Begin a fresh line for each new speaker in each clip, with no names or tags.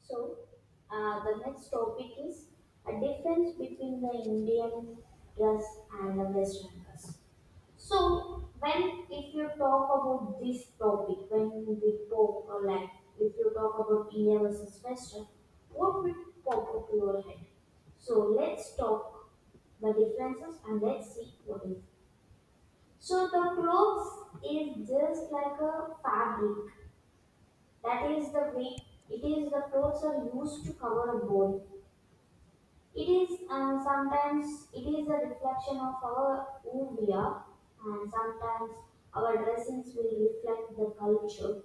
So, the next topic is a difference between the Indian dress and the Western dress. So, when if you talk about this topic, when we talk or like if you talk about India versus Western, what will pop up your head? So let's talk the differences and let's see what is. So the clothes is just like a fabric. That is the way it is the clothes are used to cover a body. It is sometimes it is a reflection of our who we are, and sometimes our dressings will reflect the culture,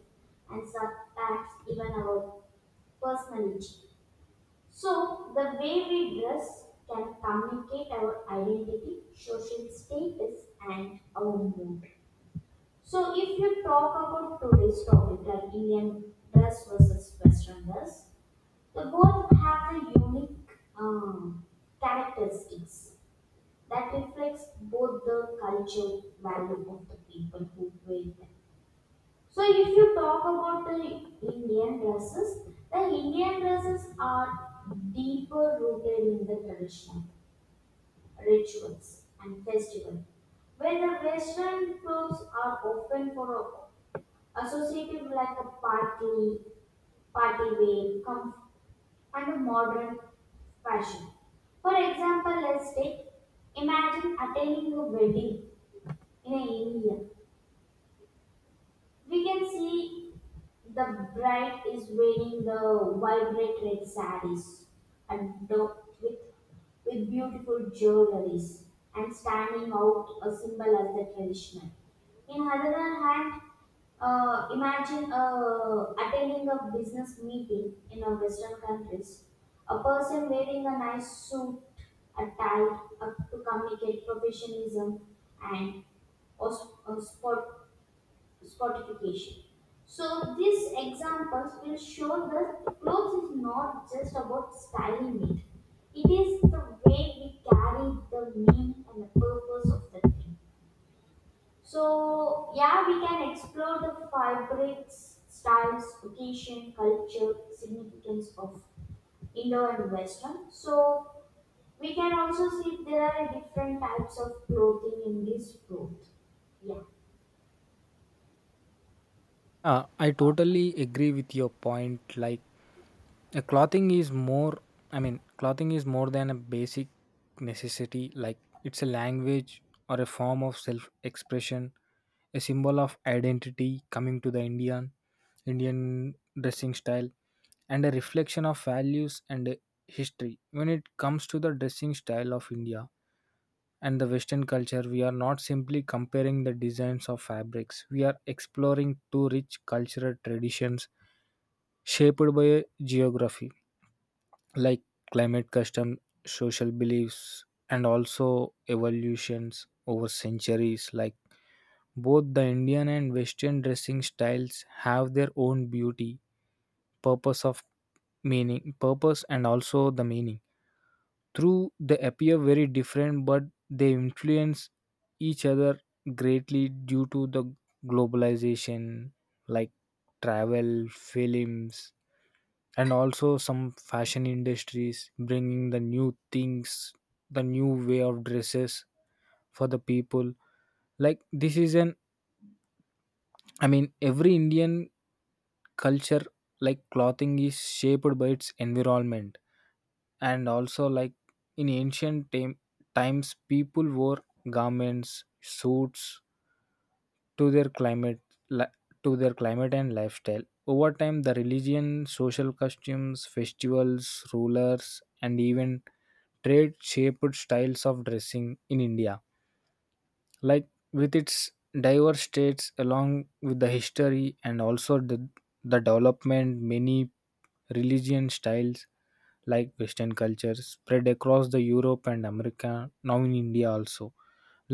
and sometimes even our personality. So the way we dress can communicate our identity, social status, and our mood. So if you talk about today's topic, like Indian dress versus Western dress, they both have the unique um, characteristics that reflects both the culture value of the people who wear them. So if you talk about the Indian dresses are deeper rooted in the tradition, rituals and festival, where the Western clothes are often for associated with like a party, party wear, and a modern fashion. For example, let's take imagine attending a wedding in a area. We can see the bride is wearing the vibrant red sarees and the, with beautiful jewelries and standing out a symbol as the traditional. In other hand, imagine attending a business meeting in a Western countries. A person wearing a nice suit, a tie, to communicate professionalism and sport Scottification. So these examples will show that clothes is not just about styling it. It is the way we carry the meaning and the purpose of the thing. So yeah, we can explore the fabrics, styles, occasion, culture, significance of Indo and Western. So we can also see there are different types of clothing in this growth. Yeah.
I totally agree with your point. Like, a clothing is more, clothing is more than a basic necessity. Like, it's a language or a form of self expression, a symbol of identity coming to the Indian, Indian dressing style, and a reflection of values and history. When it comes to the dressing style of India, and the western culture, we are not simply comparing the designs of fabrics. We are exploring two rich cultural traditions shaped by geography like climate, custom, social beliefs, and also evolutions over centuries. Like, both the Indian and western dressing styles have their own beauty, purpose of meaning, purpose, and also the meaning. Through they appear very different, but they influence each other greatly due to the globalization, like travel, films, and also some fashion industries bringing the new things, the new way of dresses for the people. Like, this is an, I mean, every Indian culture, like clothing is shaped by its environment and also like in ancient times people wore garments, suits to their climate, li- to their climate and lifestyle. Over time, the religion, social customs, festivals, rulers, and even trade shaped styles of dressing in India. Like, with its diverse states along with the history and also the development, many religion styles. Like, western culture spread across the Europe and America. Now in India also,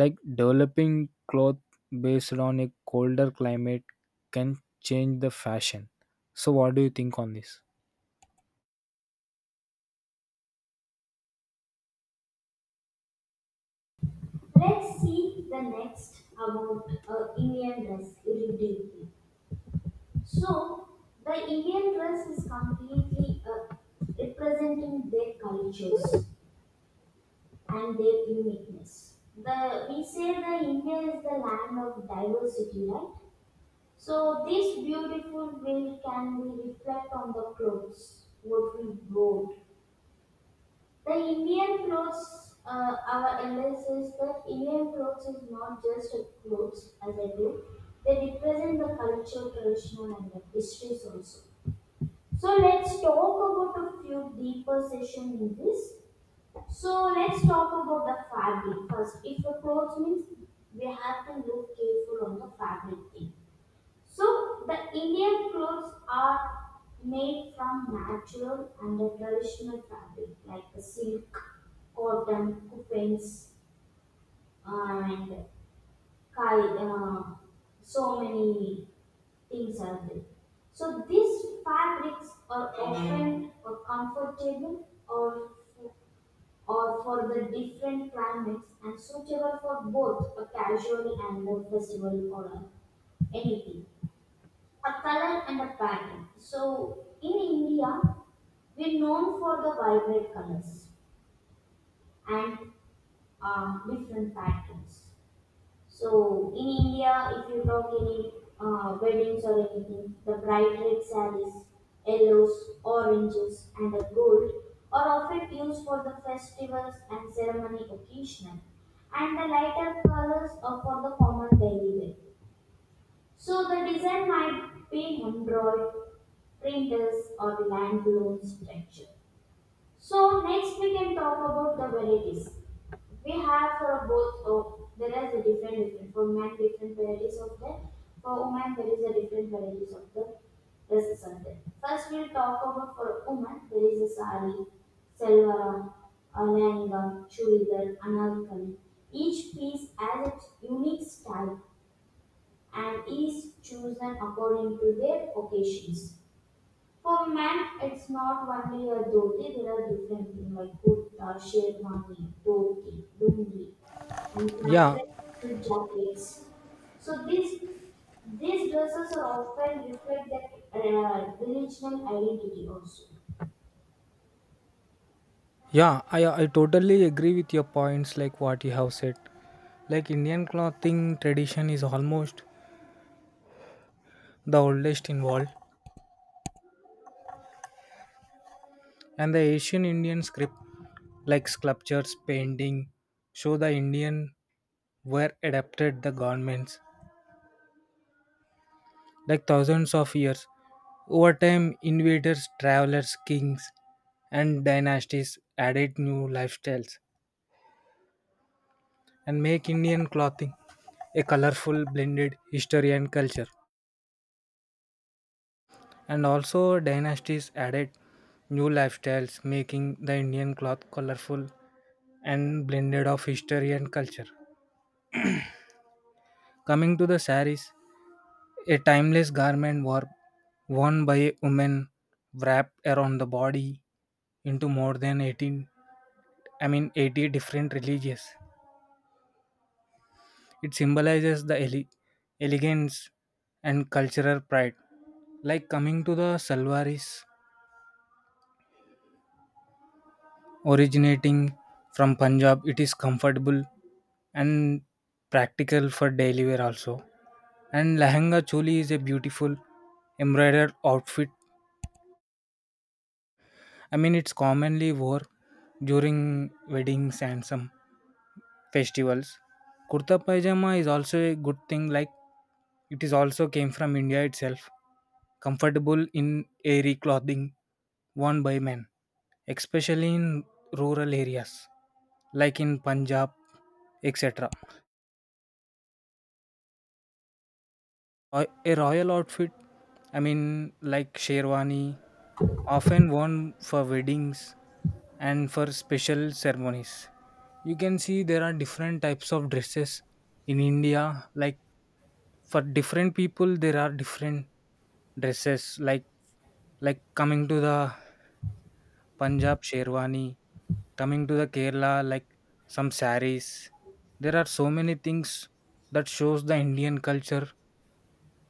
like developing cloth based on a colder climate can change the fashion. So what do you think on this?
Let's see the next about Indian dress irritating. So the Indian dress is completely representing their cultures and their uniqueness. The we say the India is the land of diversity, right? So this beautiful will can be reflect on the clothes what we wore. The Indian clothes, our elder says that Indian clothes is not just a clothes as I do. They represent the culture, tradition, and the histories also. So let's talk about a few deeper session in this. So let's talk about the fabric first. If the clothes means we have to look careful on the fabric thing. So the Indian clothes are made from natural and the traditional fabric like the silk, cotton, coupons, and kai- uh, so many things are there. So these fabrics are often or comfortable or for the different climates and suitable for both a casual and a festival or a anything a color and a pattern. So in India, we're known for the vibrant colors and different patterns. So in India, if you talk any weddings or anything, the bright red sarees, yellows, oranges, and the gold are often used for the festivals and ceremony occasion, and the lighter colors are for the common daily wear. So the design might be embroidered, printers or the land loan structure. So next we can talk about the varieties. We have for both of there is a different for men different varieties of the for women there is a different varieties of the dresses are there. First we'll talk about for women there is a sari, salwar, a lehenga, churidar, anarkali. Each piece has its unique style and is chosen according to their occasions. For men, it's not only a dhoti, there are different things like kurta, sherwani, dhoti, lungi, and some
Yeah,
traditional jackets. So these dresses are often reflect their regional identity also.
yeah, I totally agree with your points, like what you have said. Like, Indian clothing tradition is almost the oldest involved, and the Asian Indian script, like sculptures, painting, show the Indian were adapted the governments like thousands of years. Over time, invaders, travelers, kings, and dynasties added new lifestyles and make Indian clothing a colorful blended history and culture. And also, dynasties added new lifestyles, making the Indian cloth colorful and blended of history and culture. Coming to the saris, a timeless garment wore, worn by a woman wrapped around the body into more than 18, I mean 80 different religions. It symbolizes the elegance and cultural pride. Like, coming to the salwaris, originating from Punjab, it is comfortable and practical for daily wear also. And lehenga choli is a beautiful embroidered outfit. I mean, it's commonly worn during weddings and some festivals. Kurta pajama is also a good thing. Like, it is also came from India itself. Comfortable in airy clothing worn by men, especially in rural areas like in Punjab, etc. Roy a royal outfit, I mean, like sherwani, often worn for weddings and for special ceremonies. You can see there are different types of dresses in India. Like, for different people, there are different dresses. Like coming to the Punjab sherwani, coming to the Kerala, like some saris. There are so many things that shows the Indian culture,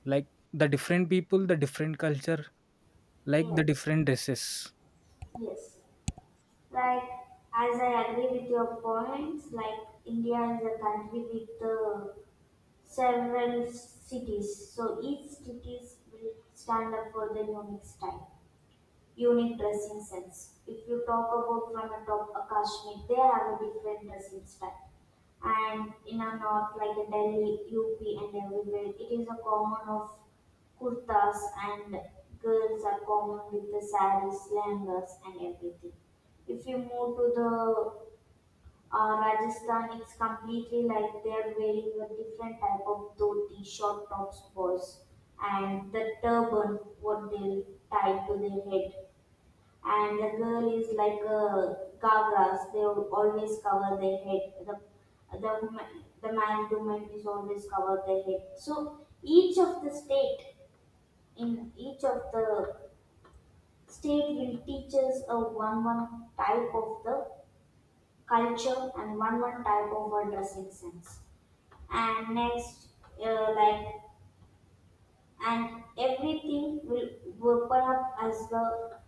like the different people, the different culture, like the
Yes,
different dresses.
yes. Like, as I agree with your points, like India is a country with the several cities, so each cities will stand up for their unique style, unique dressing sense. If you talk about from a top a Kashmir, they have a different dressing style. And in a north like a Delhi, UP and everywhere, it is a common of kurtas and girls are common with the saris, langas and everything. If you move to the Rajasthan, it's completely like they're wearing a different type of dhoti, short tops, boys, and the turban, what they tie to their head. And the girl is like a gagras, they will always cover their head. The man to man is always cover their head. So each of the state, in each of the state will teach us a one type of the culture and one type of a dressing sense and next uh, like and everything will open up as the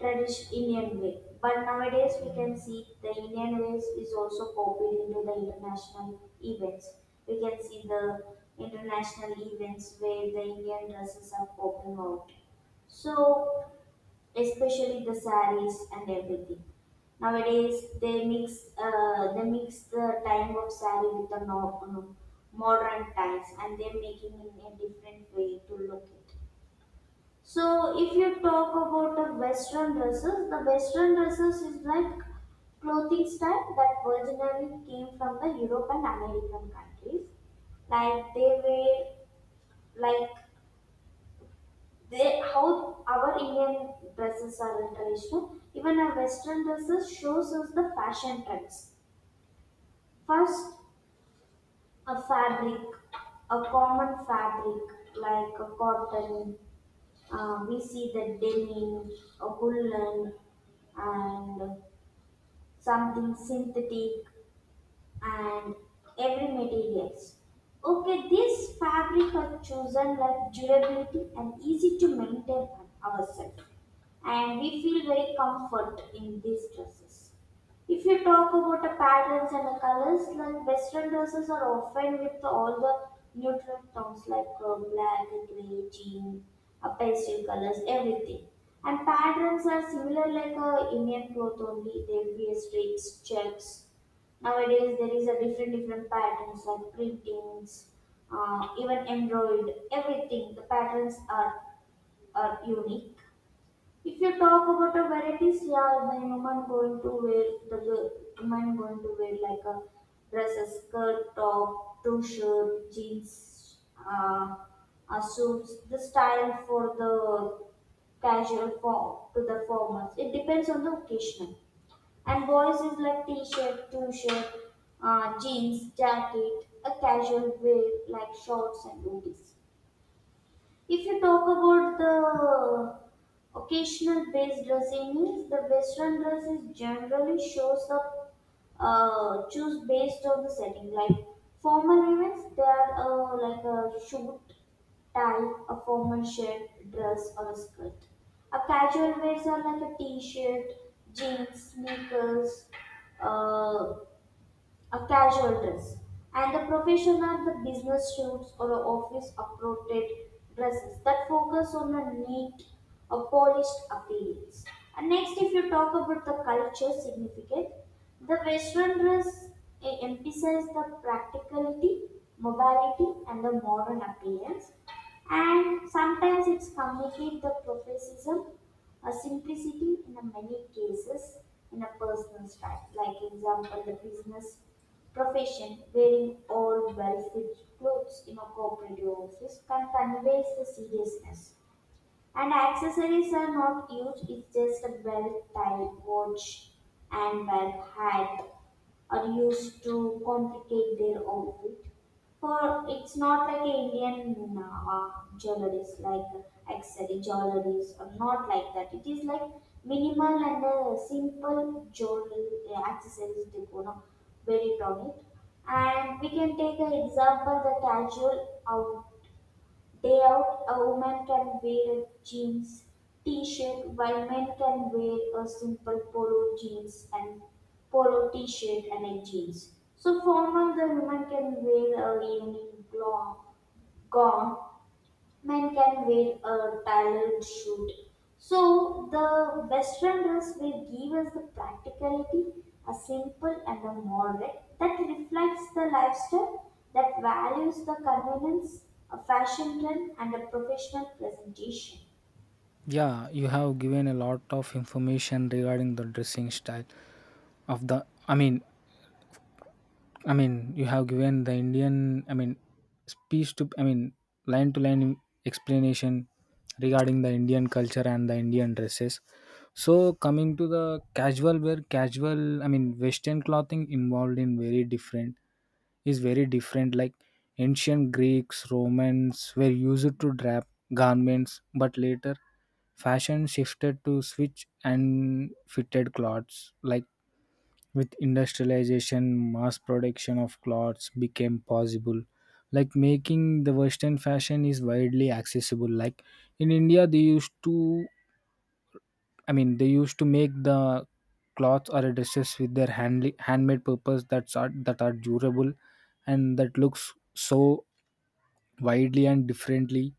traditional Indian way. But nowadays we can see the Indian ways is also copied into the international events. We can see the international events where the Indian dresses are popping out. So especially the saris and everything. Nowadays, they mix the time of sari with the no, no, modern times, and they're making in a different way to look it. So, if you talk about the Western dresses is like clothing style that originally came from the Europe and American countries, like they wear like they how our Indian dresses are traditional, even our Western dresses shows us the fashion trends. First, a fabric, a common fabric like a cotton. We see the denim, a woolen, and something synthetic and every materials. Okay, this fabric are chosen like durability and easy to maintain on ourselves, and we feel very comfort in these dresses. If you talk about the patterns and the colors, like Western dresses are often with all the neutral tones like black, grey, jean, pastel colors, everything. And patterns are similar like Indian cloth only. There will be a streaks, checks. Nowadays there is a different patterns like printings, even embroidered. Everything the patterns are unique. If you talk about the varieties, yeah, then women going to wear like a dress, a skirt, top, two shirt, jeans, suits. The style for the casual form to the formals. It depends on the occasion. And boys is like t-shirt, two shirt, jeans, jacket, a casual wear like shorts and hoodies. If you talk about the occasional based dressing means the Western dress is generally shows up choose based on the setting like formal events they are like a shoot tie, a formal shirt, dress or a skirt. A casual wears are like a t-shirt, jeans, sneakers, uh, a casual dress, and the profession are the business suits or the office appropriate dresses that focus on a neat, a polished appearance. And next, if you talk about the culture significant, the Western dress emphasizes the practicality, barbarity and the modern appearance. And sometimes it's communicate the professionalism, a simplicity in a many cases in a personal style. Like example, the business profession wearing all well-fit clothes in a corporate office can convey the seriousness and accessories are not huge, it's just a belt tie, watch, and belt hat are used to complicate their outfit. For it's not like a Indian jewelries, like accessory jewelries, or not like that. It is like minimal and simple jewelry accessories decor, no? Very on it. And we can take an example the casual out Day out, a woman can wear jeans, t-shirt, while men can wear a simple polo jeans and polo t-shirt and a jeans. So formal, the woman can wear a evening gown, men can wear a tailored suit. So the Western dress will give us the practicality, a simple and a moderate that reflects the lifestyle that values the convenience, a fashion trend, and a professional presentation.
Yeah, you have given a lot of information regarding the dressing style of the I mean, I mean, you have given the Indian, I mean, speech to, I mean, line to line explanation regarding the Indian culture and the Indian dresses. So, coming to the casual wear, casual, I mean, Western clothing involved in very different, is very different. Like, ancient Greeks, Romans were used to drap garments, but later fashion shifted to switch and fitted clothes. Like, with industrialization, mass production of clothes became possible. Like, making the Western fashion is widely accessible. Like in India, they used to, I mean, they used to make the clothes or dresses with their handly, handmade purpose that's are, that are durable and that looks so widely and differently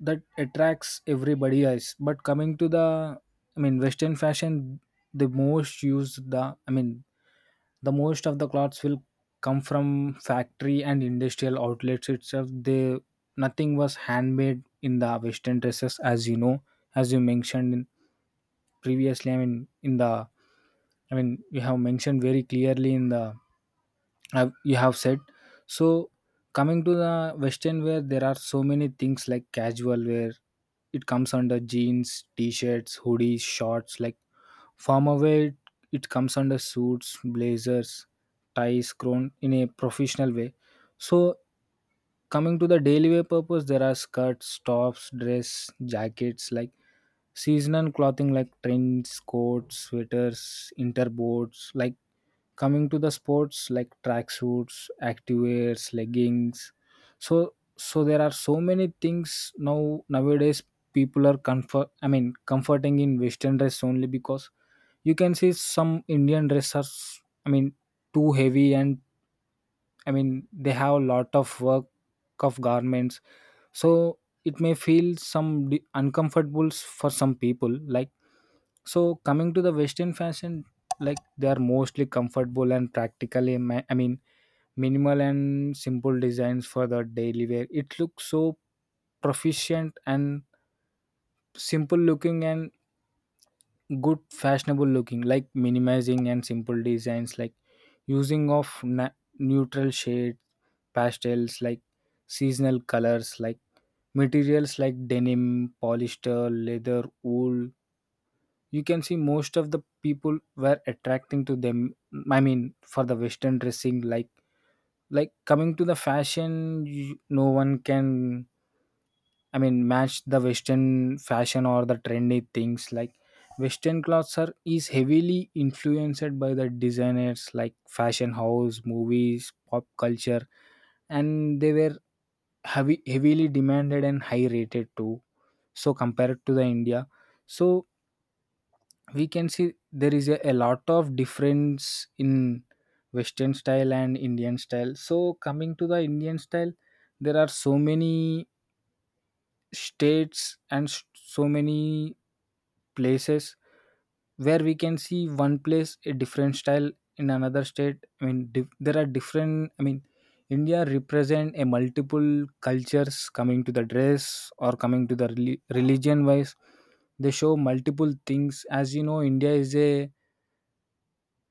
that attracts everybody else. But coming to the, I mean western fashion, the most used, the I mean, the most of the clothes will come from factory and industrial outlets itself. They, nothing was handmade in the western dresses. As you know, as you mentioned in previously, I mean in the, I mean you have mentioned very clearly in the, have you have said. So coming to the western wear, there are so many things, like casual wear, it comes under jeans, t-shirts, hoodies, shorts. Like farmer wear, it comes under suits, blazers, ties grown in a professional way. So coming to the daily wear purpose, there are skirts, tops, dress, jackets. Like seasonal clothing, like trends, coats, sweaters, interboards. Like coming to the sports, like tracksuits, activewears, leggings. So there are so many things now, nowadays people are comfort, I mean comforting in western dress only, because you can see some Indian dress are I mean too heavy and I mean they have a lot of work of garments. So it may feel some uncomfortable for some people. Like, so coming to the Western fashion, like they are mostly comfortable and practically, I mean, minimal and simple designs for the daily wear. It looks so proficient and simple looking and good fashionable looking, like minimizing and simple designs, like using of neutral shades, pastels, like seasonal colors, like materials like denim, polyester, leather, wool. You can see most of the people were attracting to them, I mean for the western dressing. Like coming to the fashion, you, no one can, I mean match the western fashion or the trendy things. Like, western clothes are is heavily influenced by the designers, like fashion house, movies, pop culture, and they were heavy, heavily demanded and high rated too. So compared to the India, so we can see there is a lot of difference in western style and Indian style. So coming to the Indian style, there are so many states and so many places where we can see one place a different style in another state. I mean there are different, I mean India represent a multiple cultures coming to the dress or coming to the religion wise. They show multiple things. As you know, India is a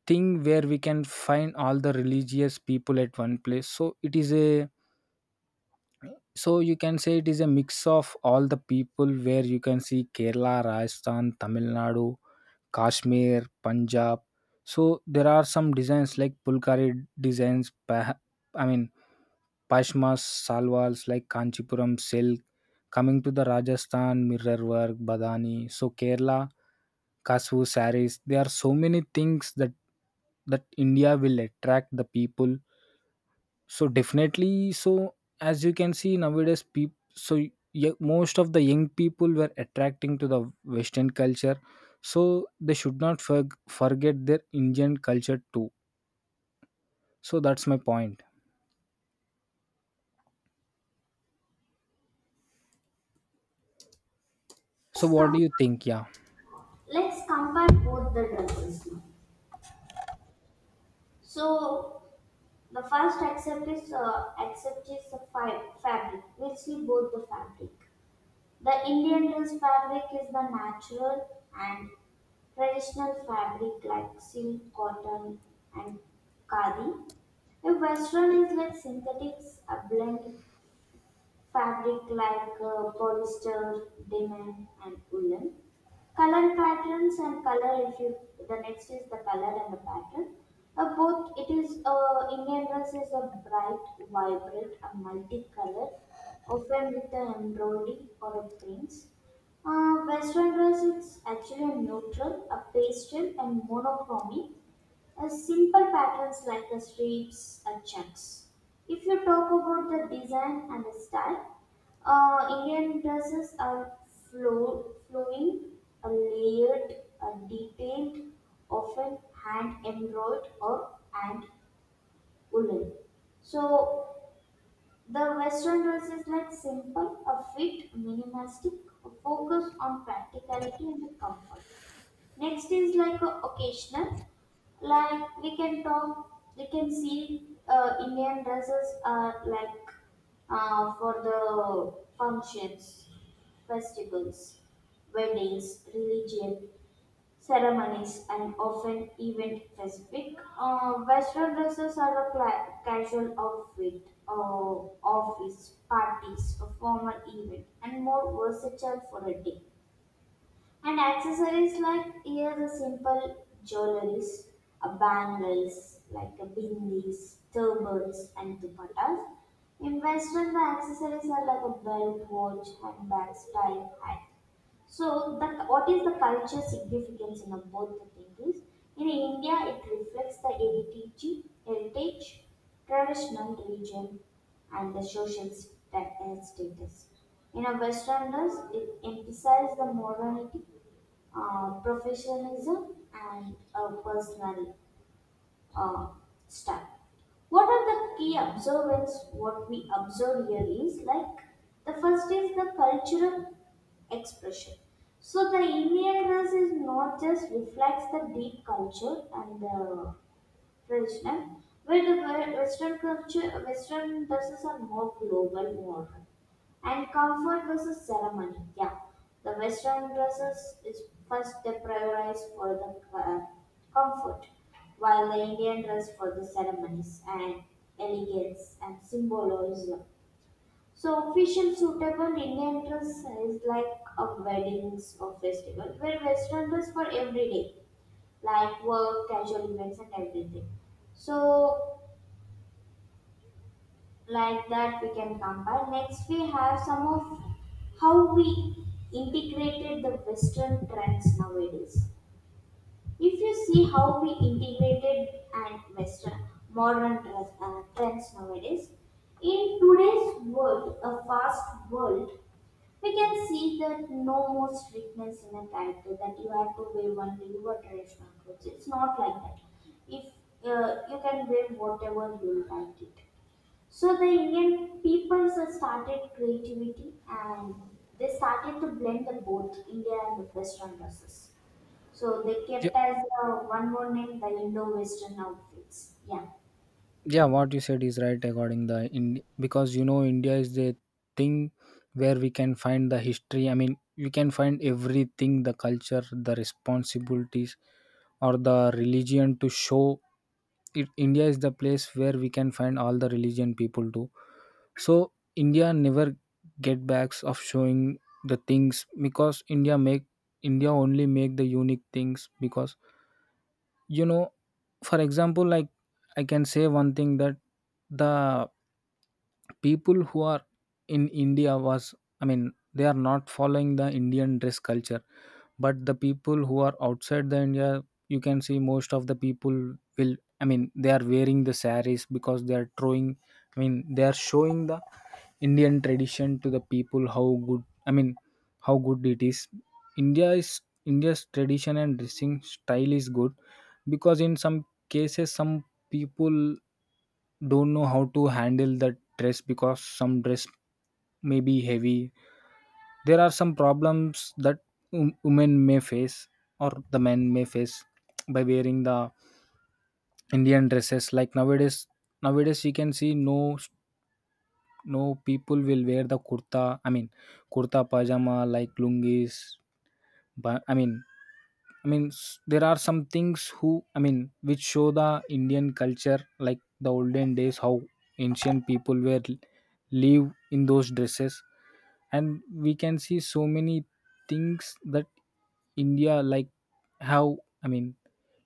thing where we can find all the religious people at one place. So it is a, so you can say it is a mix of all the people, where you can see Kerala, Rajasthan, Tamil Nadu, Kashmir, Punjab. So there are some designs like pulkari designs, I mean pashmas, salwals, like kanchipuram silk. Coming to the Rajasthan, mirror work, badani. So Kerala kasu saris, there are so many things that, that India will attract the people. So definitely, so as you can see nowadays, people so yeah, most of the young people were attracting to the Western culture. So they should not forg forget their Indian culture too. So that's my point. So
Let's,
what do
com-
you think? Yeah,
let's compare both the dresses now. So the first accept is the fabric. We'll see both the fabric. The Indian dress fabric is the natural and traditional fabric like silk, cotton, and khadi. A western is like synthetics, a blend fabric like polyester, denim, and woolen. Color patterns and color. If you The next is the color and the pattern. Both it is Indian dress is a bright, vibrant, and multicolored, often with an embroidery or a prints. Western dress is actually neutral, a pastel, and monochromy as simple patterns like the stripes and checks. If you talk about the design and the style, Indian dresses are flowing, layered, detailed, often hand embroidered or hand woven. So the Western rules is like simple, a fit, minimalistic, a focus on practicality and comfort. Next is like a occasional, like we can talk, we can see Indian dresses are like for the functions, festivals, weddings, religion, ceremonies and often event specific. Western dresses are a casual outfit, office, parties, a formal event, and more versatile for a day. And accessories like here the simple jewelries, a bangles like a bindis, turbans, and dupattas. In Western, the accessories are like a belt, watch, handbags, tie, hat. So the what is the culture significance in a- both the things is in India it reflects the heritage, traditional religion, and the social status. In a Westerners, it emphasizes the morality, professionalism, and personality uh, style. What are the key observance? What we observe here is like the first is the cultural expression. So the Indian dress is not just reflects the deep culture and the region, where Western culture, Western dresses are more global model, and comfort versus ceremony. Yeah, the Western dresses is first they prioritize for the comfort, while the Indian dress for the ceremonies and elegance and symbolism. So official suitable Indian dress is like a weddings or festival, where Western dress for everyday like work, casual events, and everything. So, like that, we can compare. Next, we have some of how we integrated the Western trends nowadays. If you see how we integrated and Western modern dress, trends nowadays, in today's world, a fast world, we can see that no more strictness in a character that you have to wear only your traditional clothes. It's not like that. If you can wear whatever you like it. So the Indian people started creativity and they started to blend the both India and the Western dresses. So they
yeah,
kept as one more name the Indo-Western outfits. Yeah.
yeah. What you said is right regarding the in, because you know India is the thing where we can find the history. I mean, we can find everything, the culture, the responsibilities, or the religion to show it. India is the place where we can find all the religion people do. So India never get backs of showing the things, because India make, India only make the unique things, because you know for example, like I can say one thing that the people who are in India was, I mean they are not following the Indian dress culture, but the people who are outside the India, you can see most of the people will, I mean they are wearing the saris because they are throwing, I mean they are showing the Indian tradition to the people. How good, I mean how good it is. India is, India's tradition and dressing style is good, because in some cases some people don't know how to handle the dress, because some dress may be heavy. There are some problems that women may face or the men may face by wearing the Indian dresses. Like nowadays, nowadays you can see no, no, people will wear the kurta. I mean, kurta pajama like lungis. But I mean, there are some things who I mean, which show the Indian culture, like the olden days, how ancient people were live in those dresses. And we can see so many things that India, like how, I mean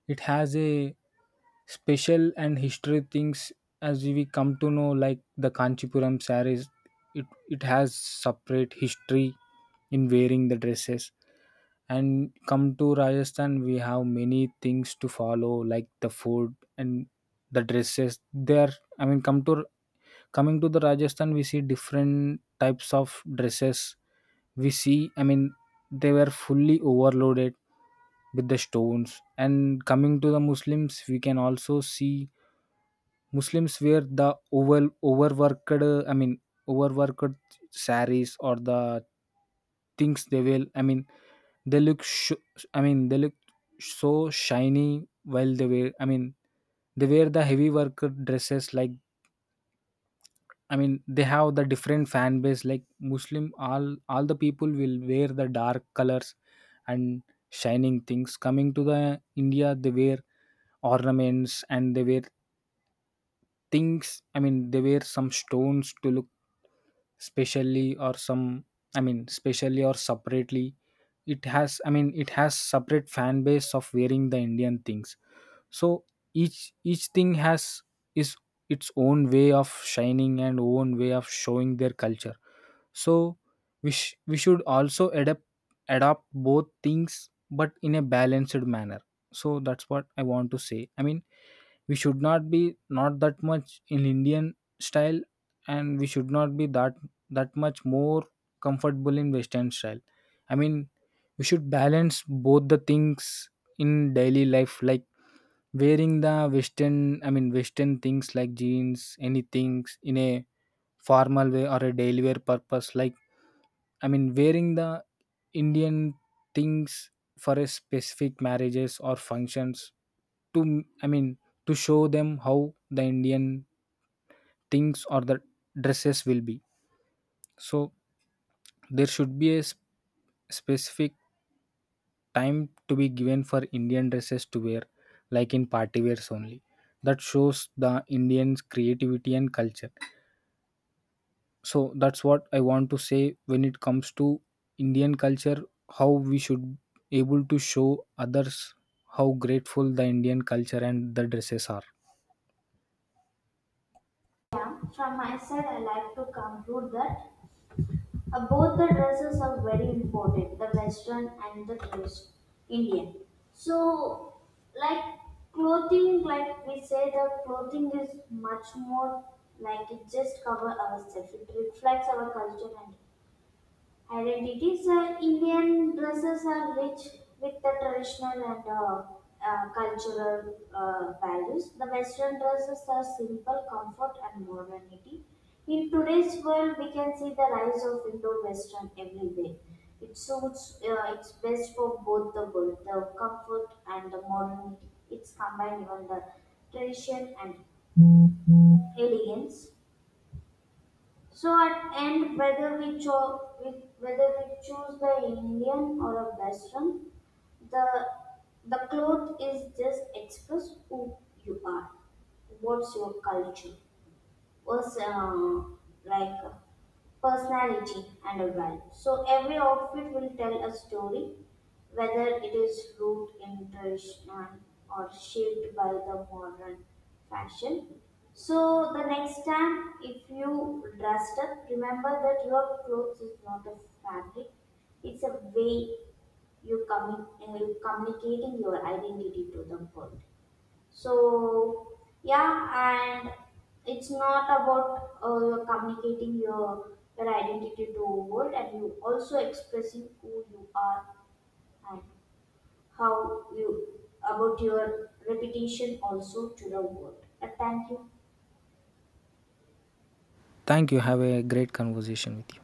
it has a special and history things. As we come to know, like the kanchipuram sarees, it has separate history in wearing the dresses. And come to Rajasthan, we have many things to follow, like the food and the dresses there. I mean come to, coming to the Rajasthan, we see different types of dresses. We see, I mean, they were fully overloaded with the stones. And coming to the Muslims, we can also see Muslims wear the over overworked, I mean, overworked saris or the things. They will, I mean, they look I mean they look so shiny while they wear. I mean they wear the heavy work dresses. Like, I mean, they have the different fan base. Like Muslim, all the people will wear the dark colors and shining things. Coming to the India, they wear ornaments and they wear things. I mean, they wear some stones to look specially or some. I mean, specially or separately. It has. I mean, it has separate fan base of wearing the Indian things. So each thing has is its own way of shining and own way of showing their culture. So we, we should also adapt adopt both things but in a balanced manner. So that's what I want to say. I mean we should not be not that much in Indian style, and we should not be that, that much more comfortable in Western style. I mean we should balance both the things in daily life, like wearing the western, I mean western things like jeans, any things in a formal way or a daily wear purpose. Like I mean, wearing the Indian things for a specific marriages or functions to, I mean, to show them how the Indian things or the dresses will be. So there should be a specific time to be given for Indian dresses to wear, like in party wears only. That shows the Indians' creativity and culture. So that's what I want to say when it comes to Indian culture, how we should able to show others how grateful the Indian culture and the dresses are.
Yeah. From my side, I like to conclude that both the dresses are very important, the Western and the West Indian. So, like clothing, like we say, the clothing is much more like it just cover ourselves. It reflects our culture and identities. Indian dresses are rich with the traditional and cultural values. The Western dresses are simple, comfort, and modernity. In today's world, we can see the rise of Indo-Western everywhere. It suits, it's best for both the world, the comfort and the modernity. It's combined even the tradition and elegance. So at end, whether we choose the Indian or a Western, the the cloth is just express who you are. What's your culture? Was like personality and a value. So every outfit will tell a story, whether it is rooted in traditional or shaped by the modern fashion. So the next time, if you dressed up, remember that your clothes is not a fabric; it's a way you communicating your identity to the world. So yeah, and it's not about you're communicating your identity to a world, and you also expressing who you are and how you about your reputation also to the world. And thank you.
Thank you. Have a great conversation with you.